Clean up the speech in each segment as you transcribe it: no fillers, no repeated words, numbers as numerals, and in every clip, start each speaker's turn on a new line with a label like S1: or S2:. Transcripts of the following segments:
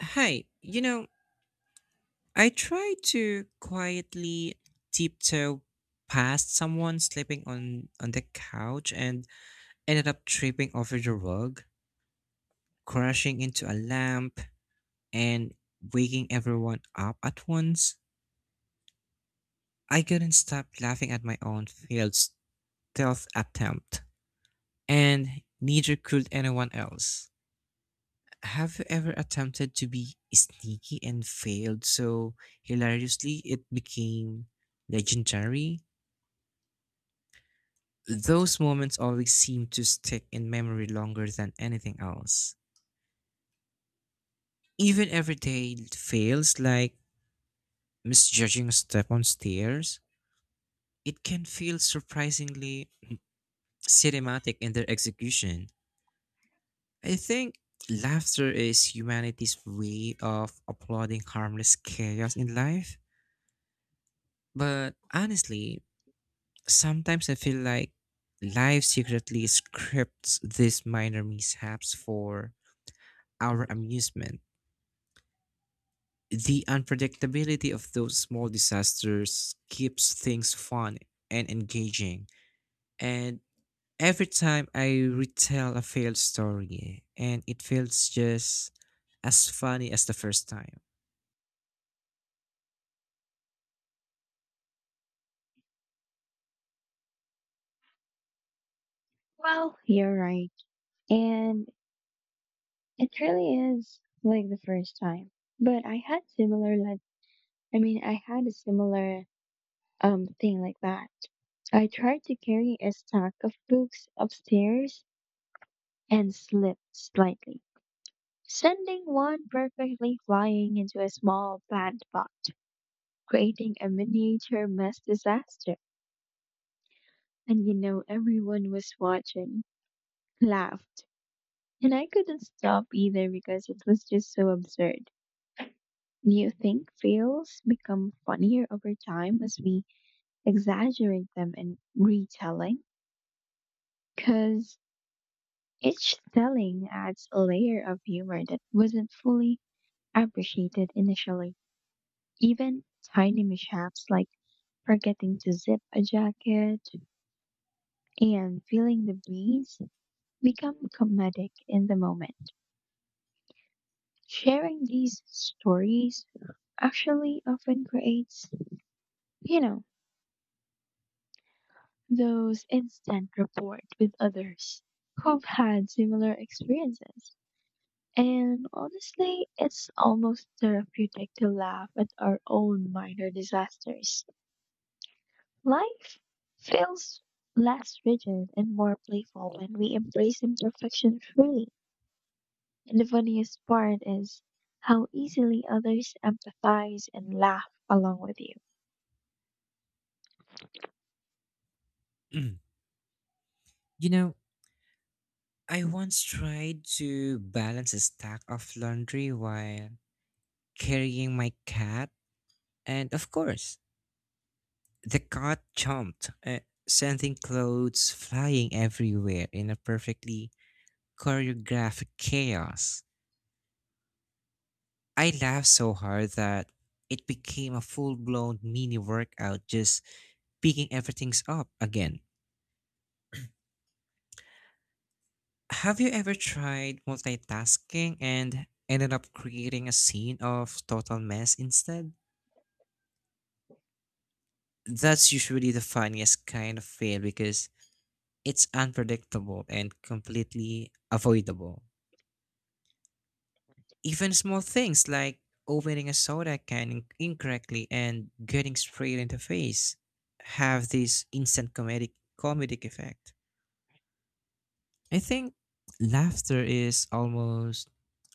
S1: Hi, I tried to quietly tiptoe past someone sleeping on the couch and ended up tripping over the rug, crashing into a lamp and waking everyone up at once. I couldn't stop laughing at my own failed stealth attempt, and neither could anyone else. Have you ever attempted to be sneaky and failed so hilariously it became legendary? Those moments always seem to stick in memory longer than anything else. Even every day fails, like misjudging a step on stairs, it can feel surprisingly cinematic in their execution. I think laughter is humanity's way of applauding harmless chaos in life. But honestly, sometimes I feel like life secretly scripts these minor mishaps for our amusement. The unpredictability of those small disasters keeps things fun and engaging. And every time I retell a failed story, and it feels just as funny as the first time.
S2: Well, you're right. And it really is like the first time. But I had similar like I had a similar thing like that. I tried to carry a stack of books upstairs and slipped slightly, sending one perfectly flying into a small plant pot, creating a miniature mess disaster. And everyone was watching, laughed, and I couldn't stop either because it was just so absurd. Do you think fails become funnier over time as we exaggerate them in retelling? Because each telling adds a layer of humor that wasn't fully appreciated initially. Even tiny mishaps like forgetting to zip a jacket and feeling the breeze become comedic in the moment. Sharing these stories actually often creates, you know, those instant rapport with others who've had similar experiences. And honestly, it's almost therapeutic to laugh at our own minor disasters. Life feels less rigid and more playful when we embrace imperfection freely. And the funniest part is how easily others empathize and laugh along with you.
S1: Mm. you know, I once tried to balance a stack of laundry while carrying my cat, and of course, the cat jumped, sending clothes flying everywhere in a perfectly choreographic chaos. I laughed so hard that it became a full blown mini workout just picking everything's up again. Have you ever tried multitasking and ended up creating a scene of total mess instead? That's usually the funniest kind of fail because it's unpredictable and completely avoidable. Even small things like opening a soda can incorrectly and getting sprayed in the face have this instant comedic effect. I think laughter is almost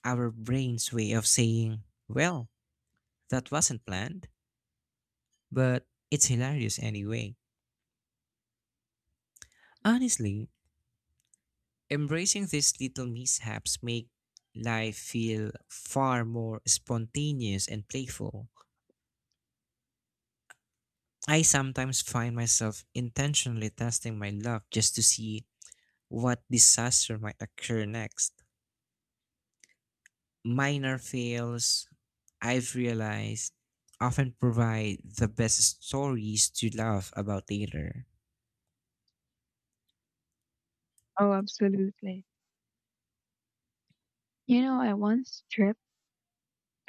S1: our brain's way of saying, well, that wasn't planned, but it's hilarious anyway. Honestly, embracing these little mishaps make life feel far more spontaneous and playful. I sometimes find myself intentionally testing my luck just to see what disaster might occur next. Minor fails, I've realized, often provide the best stories to laugh about later.
S2: Oh, absolutely. You know, I once tripped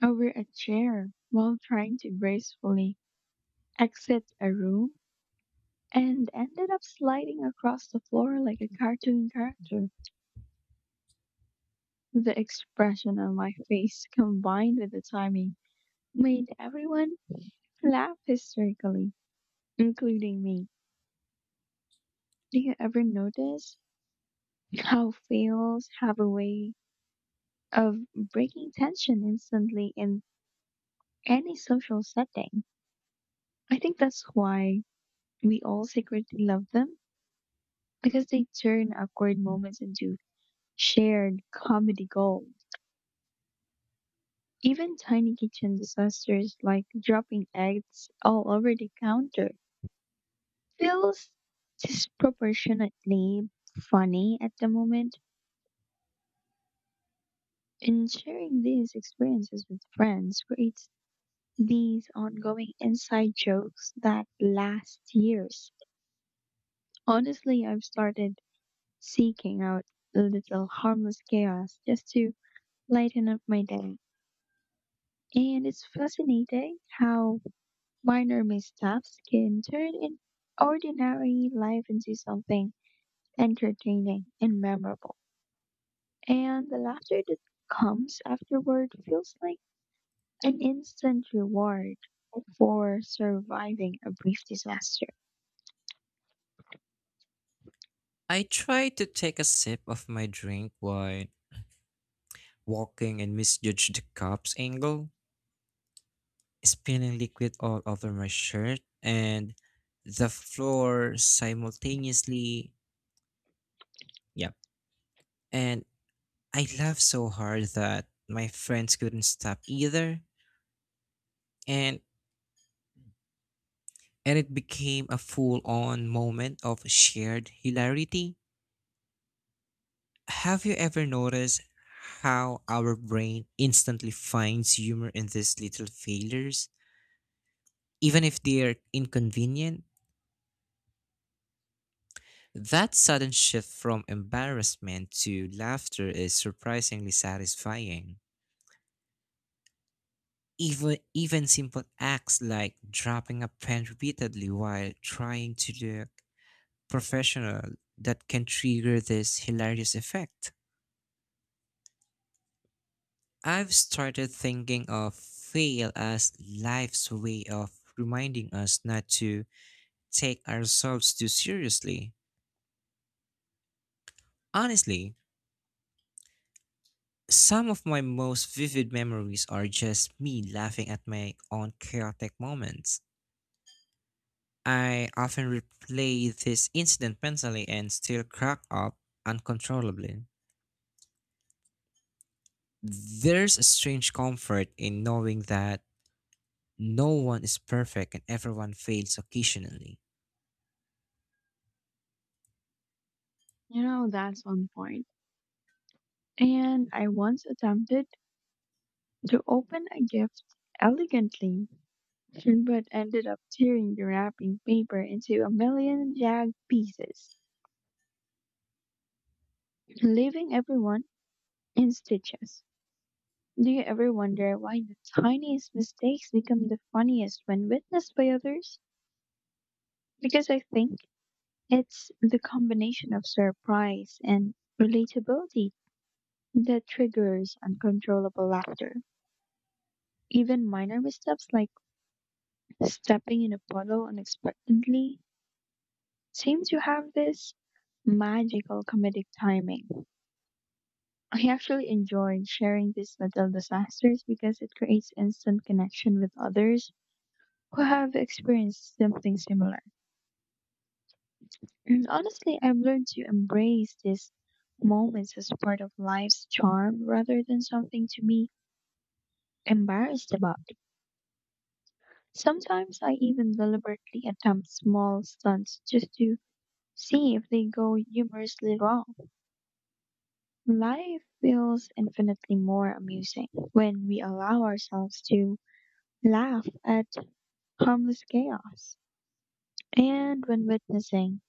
S2: over a chair while trying to gracefully exit a room and ended up sliding across the floor like a cartoon character. The expression on my face combined with the timing made everyone laugh hysterically, including me. Do you ever notice how fails have a way of breaking tension instantly in any social setting? I think that's why we all secretly love them because they turn awkward moments into shared comedy gold. Even tiny kitchen disasters like dropping eggs all over the counter feels disproportionately funny at the moment. And sharing these experiences with friends creates these ongoing inside jokes that last years. Honestly, I've started seeking out a little harmless chaos just to lighten up my day. And it's fascinating how minor missteps can turn an ordinary life into something entertaining and memorable. And the laughter that comes afterward feels like an instant reward for surviving a brief disaster.
S1: I try to take a sip of my drink while walking and misjudge the cup's angle, spilling liquid all over my shirt and the floor simultaneously. Yep. And I laughed so hard that my friends couldn't stop either, and and it became a full-on moment of shared hilarity. Have you ever noticed how our brain instantly finds humor in these little failures, even if they are inconvenient? That sudden shift from embarrassment to laughter is surprisingly satisfying. Even simple acts like dropping a pen repeatedly while trying to do professional that can trigger this hilarious effect. I've started thinking of fail as life's way of reminding us not to take ourselves too seriously. Honestly, some of my most vivid memories are just me laughing at my own chaotic moments. I often replay this incident mentally and still crack up uncontrollably. There's a strange comfort in knowing that no one is perfect and everyone fails occasionally.
S2: You know, that's one point. And I once attempted to open a gift elegantly, but ended up tearing the wrapping paper into a million jagged pieces, leaving everyone in stitches. Do you ever wonder why the tiniest mistakes become the funniest when witnessed by others? Because I think it's the combination of surprise and relatability that triggers uncontrollable laughter. Even minor missteps like stepping in Apollo unexpectedly seems to have this magical comedic timing. I actually enjoyed sharing these little disasters because it creates instant connection with others who have experienced something similar. And honestly, I've learned to embrace these moments as part of life's charm rather than something to be embarrassed about. Sometimes I even deliberately attempt small stunts just to see if they go humorously wrong. Life feels infinitely more amusing when we allow ourselves to laugh at harmless chaos. And when witnessing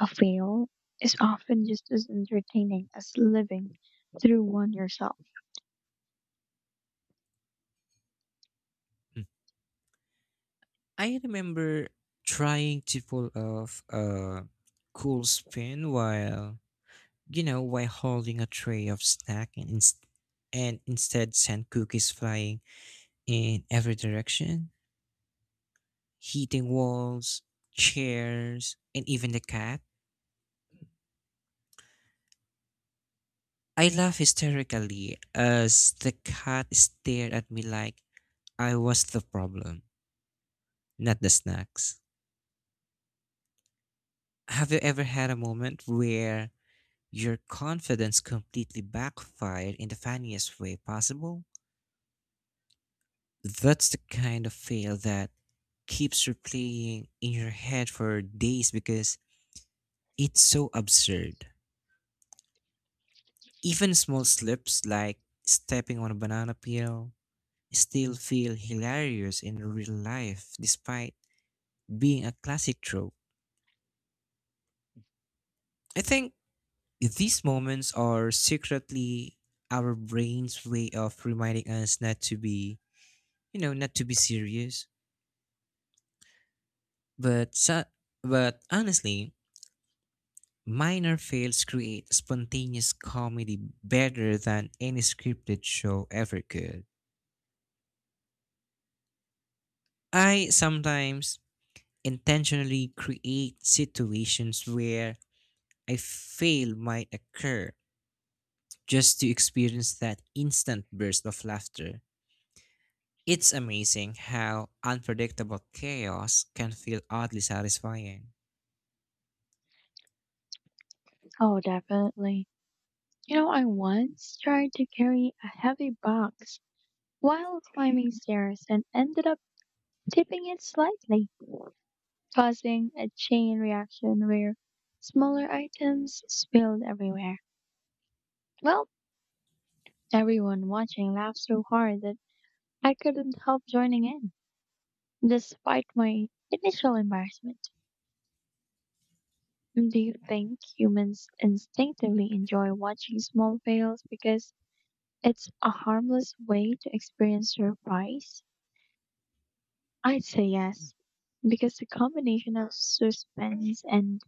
S2: a fail is often just as entertaining as living through one yourself.
S1: Mm. I remember trying to pull off a cool spin while holding a tray of snack and instead sent cookies flying in every direction, hitting walls, chairs, and even the cat. I laughed hysterically as the cat stared at me like I was the problem, not the snacks. Have you ever had a moment where your confidence completely backfired in the funniest way possible? That's the kind of fail that keeps replaying in your head for days because it's so absurd. Even small slips like stepping on a banana peel still feel hilarious in real life despite being a classic trope. I think these moments are secretly our brain's way of reminding us not to be, you know, not to be serious. But so, but honestly, minor fails create spontaneous comedy better than any scripted show ever could. I sometimes intentionally create situations where a fail might occur just to experience that instant burst of laughter. It's amazing how unpredictable chaos can feel oddly satisfying.
S2: Oh, definitely. You know, I once tried to carry a heavy box while climbing stairs and ended up tipping it slightly, causing a chain reaction where smaller items spilled everywhere. Well, everyone watching laughed so hard that I couldn't help joining in, despite my initial embarrassment. Do you think humans instinctively enjoy watching small fails because it's a harmless way to experience surprise? I'd say yes, because the combination of suspense and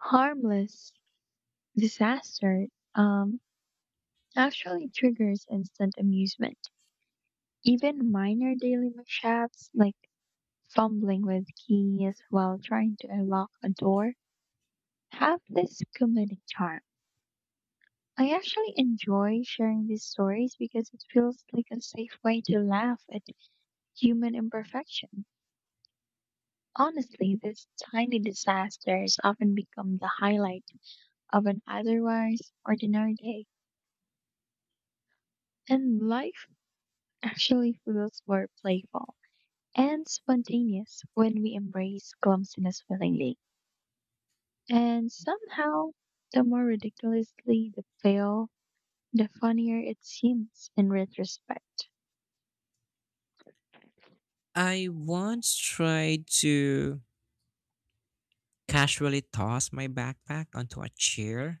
S2: harmless disaster um, actually triggers instant amusement. Even minor daily mishaps like fumbling with keys while trying to unlock a door, have this comedic charm. I actually enjoy sharing these stories because it feels like a safe way to laugh at human imperfection. Honestly, these tiny disasters often become the highlight of an otherwise ordinary day, and life actually feels more playful and spontaneous when we embrace clumsiness willingly. And somehow, the more ridiculously the fail, the funnier it seems in retrospect.
S1: I once tried to casually toss my backpack onto a chair,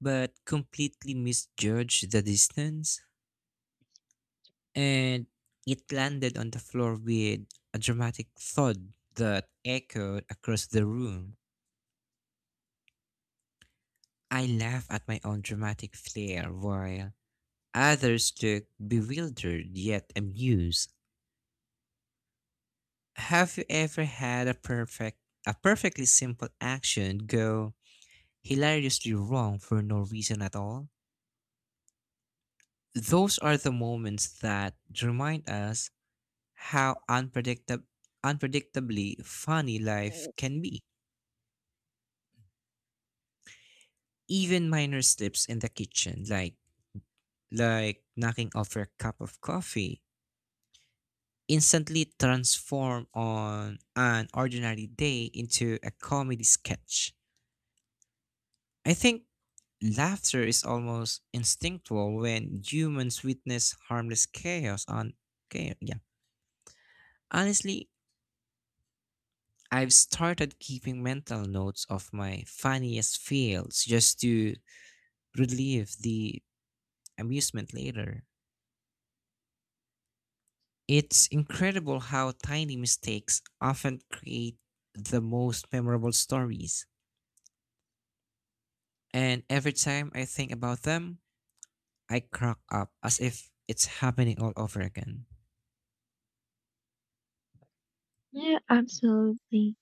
S1: but completely misjudged the distance, and it landed on the floor with a dramatic thud that echoed across the room. I laughed at my own dramatic flair while others looked bewildered yet amused. Have you ever had a perfectly simple action go hilariously wrong for no reason at all? Those are the moments that remind us how unpredictable unpredictably funny life can be. Even minor slips in the kitchen like knocking over a cup of coffee instantly transform on an ordinary day into a comedy sketch. I think laughter is almost instinctual when humans witness harmless chaos on chaos. Yeah. Honestly, I've started keeping mental notes of my funniest fails just to relieve the amusement later. It's incredible how tiny mistakes often create the most memorable stories. And every time I think about them, I crack up as if it's happening all over again.
S2: Yeah, absolutely.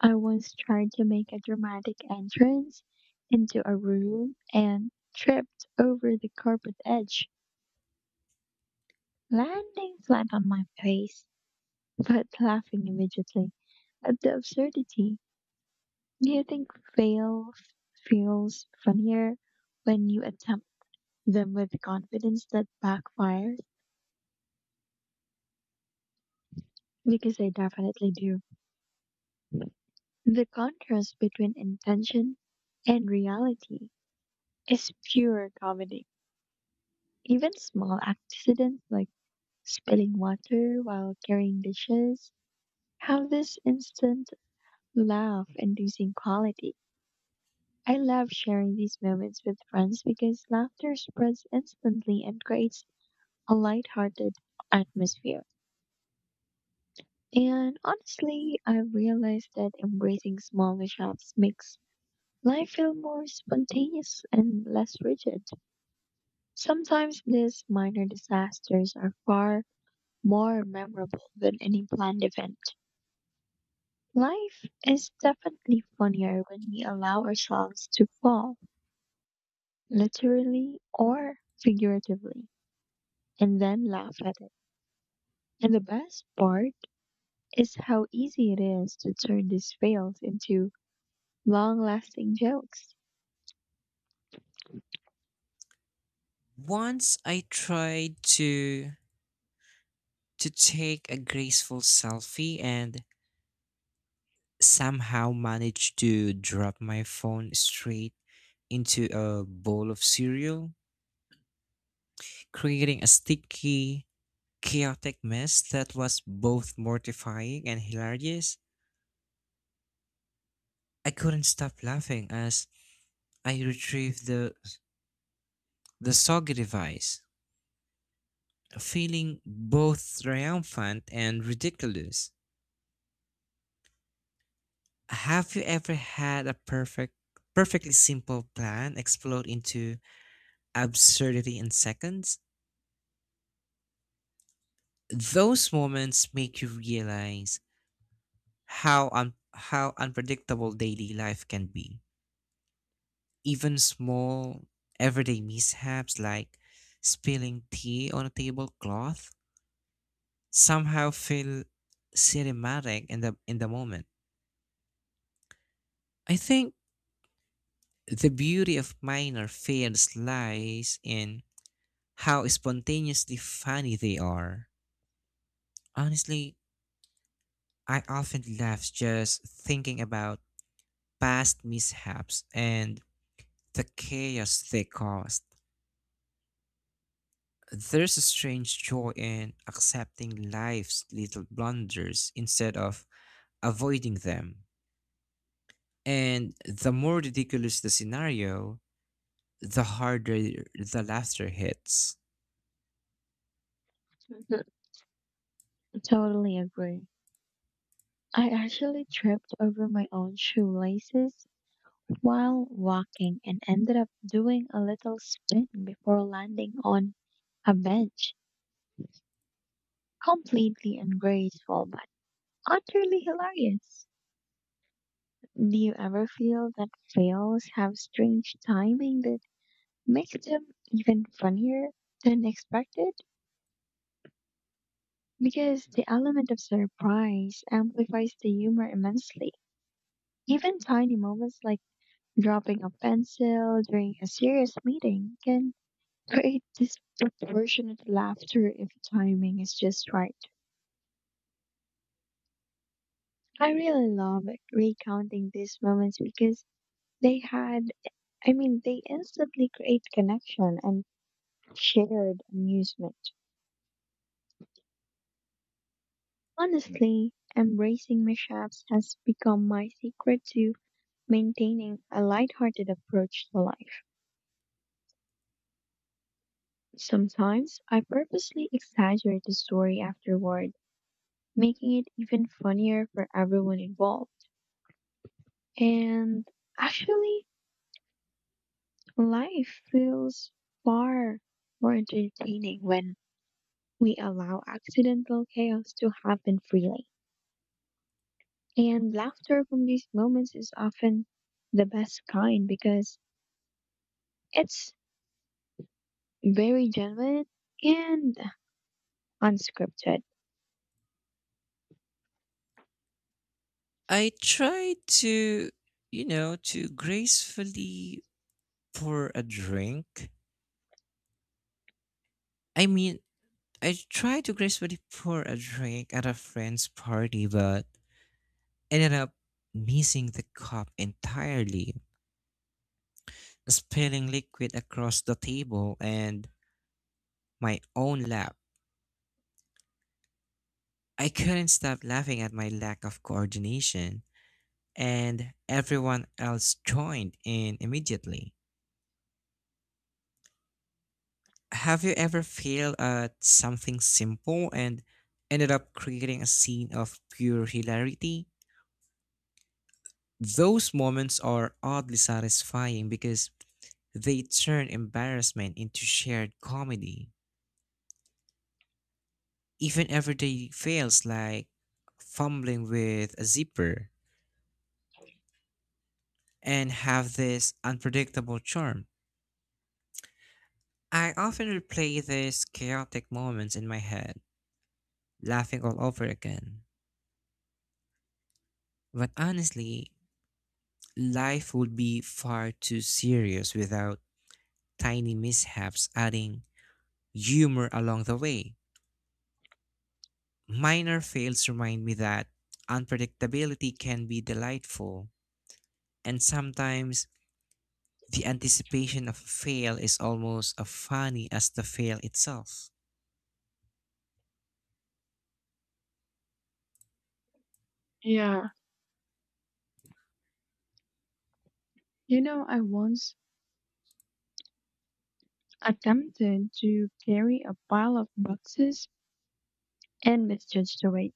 S2: I once tried to make a dramatic entrance into a room and tripped over the carpet edge, landing flat on my face, but laughing immediately at the absurdity. Do you think fail f- feels funnier when you attempt them with confidence that backfires? Because I definitely do. The contrast between intention and reality is pure comedy. Even small accidents like spilling water while carrying dishes have this instant laugh inducing quality. I love sharing these moments with friends because laughter spreads instantly and creates a lighthearted atmosphere. And honestly, I've realized that embracing small mishaps makes life felt more spontaneous and less rigid. Sometimes these minor disasters are far more memorable than any planned event. Life is definitely funnier when we allow ourselves to fall, literally or figuratively, and then laugh at it. And the best part is how easy it is to turn these fails into long lasting jokes.
S1: Once I tried to take a graceful selfie and somehow managed to drop my phone straight into a bowl of cereal, creating a sticky, chaotic mess that was both mortifying and hilarious. I couldn't stop laughing as I retrieved the soggy device, feeling both triumphant and ridiculous. Have you ever had perfectly simple plan explode into absurdity in seconds, those moments make you realize how unpredictable daily life can be. Even small everyday mishaps like spilling tea on a tablecloth somehow feel cinematic in the moment. I think the beauty of minor fails lies in how spontaneously funny they are. Honestly, I often laugh just thinking about past mishaps and the chaos they caused. There's a strange joy in accepting life's little blunders instead of avoiding them. And the more ridiculous the scenario, the harder the laughter hits.
S2: Totally agree. I actually tripped over my own shoelaces while walking and ended up doing a little spin before landing on a bench. Completely ungraceful, but utterly hilarious. Do you ever feel that fails have strange timing that makes them even funnier than expected? Because the element of surprise amplifies the humor immensely. Even tiny moments like dropping a pencil during a serious meeting can create disproportionate laughter if timing is just right. I really love recounting these moments because they they instantly create connection and shared amusement. Honestly, embracing mishaps has become my secret to maintaining a lighthearted approach to life. Sometimes I purposely exaggerate the story afterward making it even funnier for everyone involved. And actually, life feels far more entertaining when we allow accidental chaos to happen freely. And laughter from these moments is often the best kind because it's very genuine and unscripted.
S1: I try to, to gracefully pour a drink. I mean, I try to gracefully pour a drink at a friend's party, but ended up missing the cup entirely, spilling liquid across the table and my own lap. I couldn't stop laughing at my lack of coordination, and everyone else joined in immediately. Have you ever failed at something simple and ended up creating a scene of pure hilarity? Those moments are oddly satisfying because they turn embarrassment into shared comedy. Even everyday fails like fumbling with a zipper and have this unpredictable charm. I often replay these chaotic moments in my head, laughing all over again. But honestly, life would be far too serious without tiny mishaps adding humor along the way. Minor fails remind me that unpredictability can be delightful and sometimes the anticipation of a fail is almost as funny as the fail itself.
S2: Yeah, you know, I once attempted to carry a pile of boxes and misjudged the weight,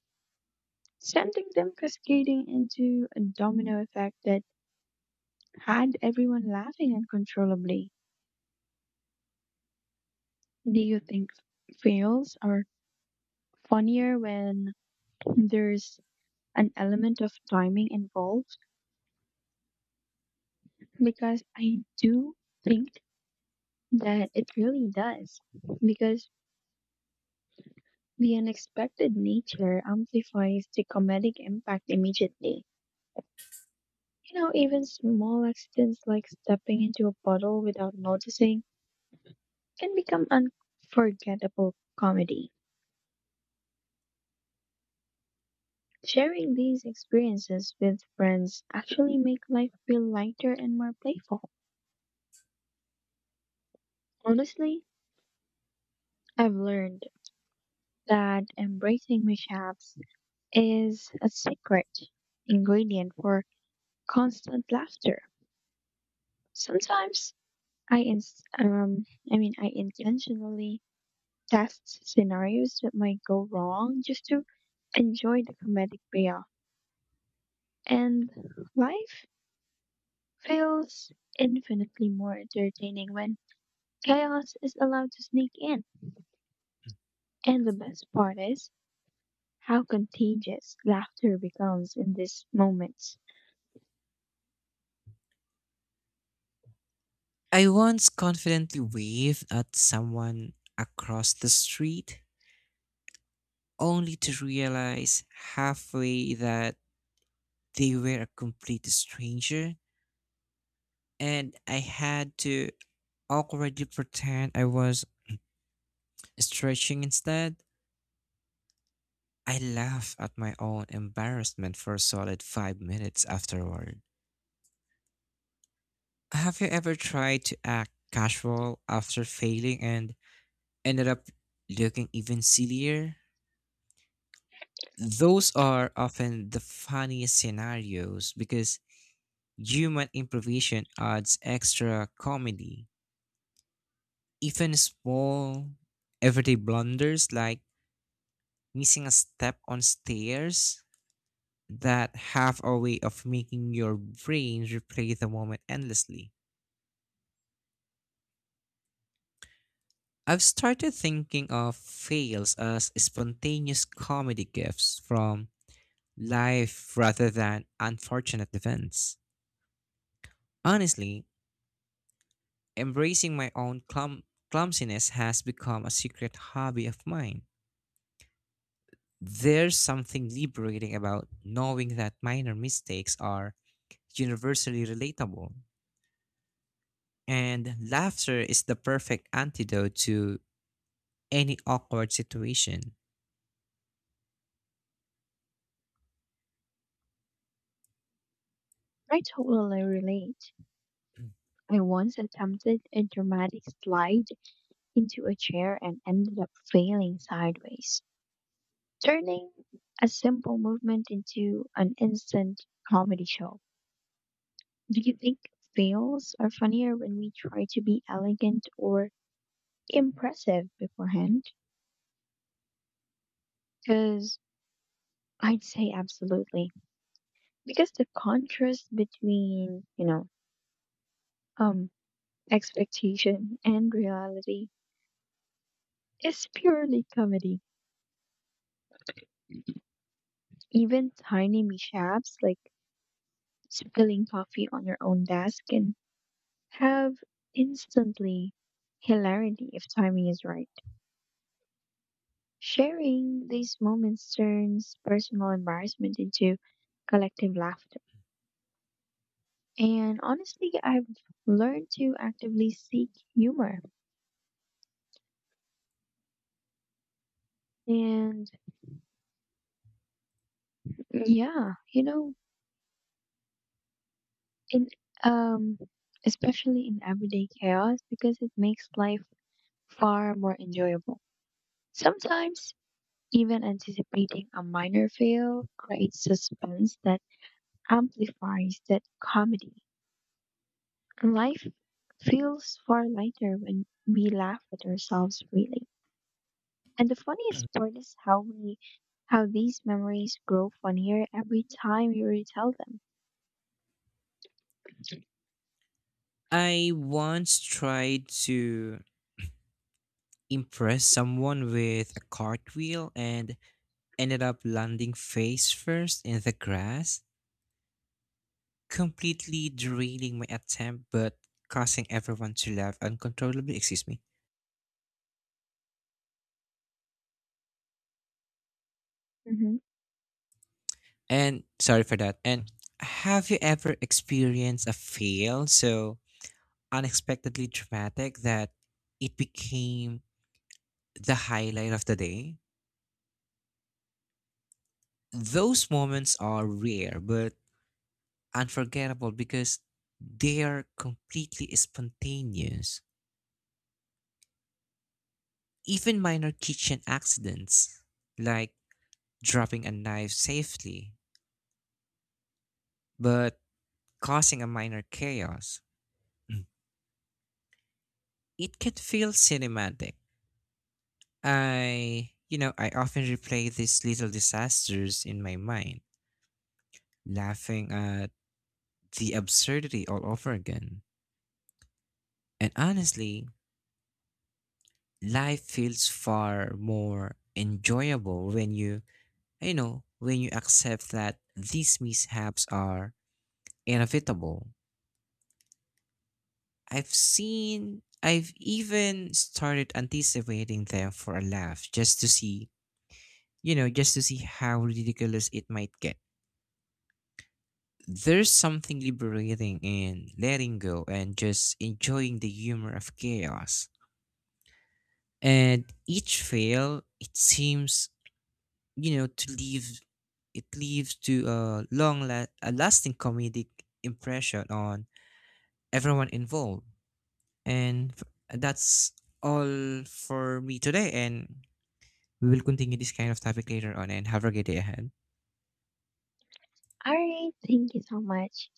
S2: sending them cascading into a domino effect that had everyone laughing uncontrollably. Do you think fails are funnier when there's an element of timing involved? Because I do think that it really does. Because the unexpected nature amplifies the comedic impact immediately. You know, even small accidents like stepping into a puddle without noticing can become unforgettable comedy. Sharing these experiences with friends actually make life feel lighter and more playful. Honestly, I've learned that embracing mishaps is a secret ingredient for constant laughter. Sometimes I ins- I mean I intentionally test scenarios that might go wrong just to enjoy the comedic payoff. And life feels infinitely more entertaining when chaos is allowed to sneak in. And the best part is how contagious laughter becomes in these moments.
S1: I once confidently waved at someone across the street only to realize halfway that they were a complete stranger and I had to awkwardly pretend I was stretching instead. I laughed at my own embarrassment for a solid 5 minutes afterward. Have you ever tried to act casual after failing and ended up looking even sillier? Those are often the funniest scenarios because human improvisation adds extra comedy. Even small, everyday blunders like missing a step on stairs that have a way of making your brain replay the moment endlessly. I've started thinking of fails as spontaneous comedy gifts from life rather than unfortunate events. Honestly, embracing my own clumsiness has become a secret hobby of mine. There's something liberating about knowing that minor mistakes are universally relatable, and laughter is the perfect antidote to any awkward situation.
S2: I totally relate. I once attempted a dramatic slide into a chair and ended up failing sideways, turning a simple movement into an instant comedy show. Do you think fails are funnier when we try to be elegant or impressive beforehand? Because I'd say absolutely. Because the contrast between, um, expectation and reality is purely comedy. Even tiny mishaps like spilling coffee on your own desk can have instantly hilarity if timing is right. Sharing these moments turns personal embarrassment into collective laughter. And honestly, I've learned to actively seek humor and yeah, you know, in um especially in everyday chaos because it makes life far more enjoyable. Sometimes even anticipating a minor fail creates suspense that amplifies that comedy. Life feels far lighter when we laugh at ourselves freely. And the funniest part is how these memories grow funnier every time you retell them.
S1: I once tried to impress someone with a cartwheel and ended up landing face first in the grass, completely derailing my attempt but causing everyone to laugh uncontrollably. Excuse me.
S2: Mm-hmm.
S1: And sorry for that. And have you ever experienced a fail so unexpectedly dramatic that it became the highlight of the day? Those moments are rare but unforgettable because they are completely spontaneous. Even minor kitchen accidents like dropping a knife safely, but causing a minor chaos. It can feel cinematic. I often replay these little disasters in my mind, laughing at the absurdity all over again. And honestly, life feels far more enjoyable when you accept that these mishaps are inevitable. I've even started anticipating them for a laugh just to see just to see how ridiculous it might get. There's something liberating in letting go and just enjoying the humor of chaos. And each fail, it seems, you know, to leave it leaves to a a lasting comedic impression on everyone involved. And that's all for me today and we will continue this kind of topic later on and have a great day ahead.
S2: All right, thank you so much.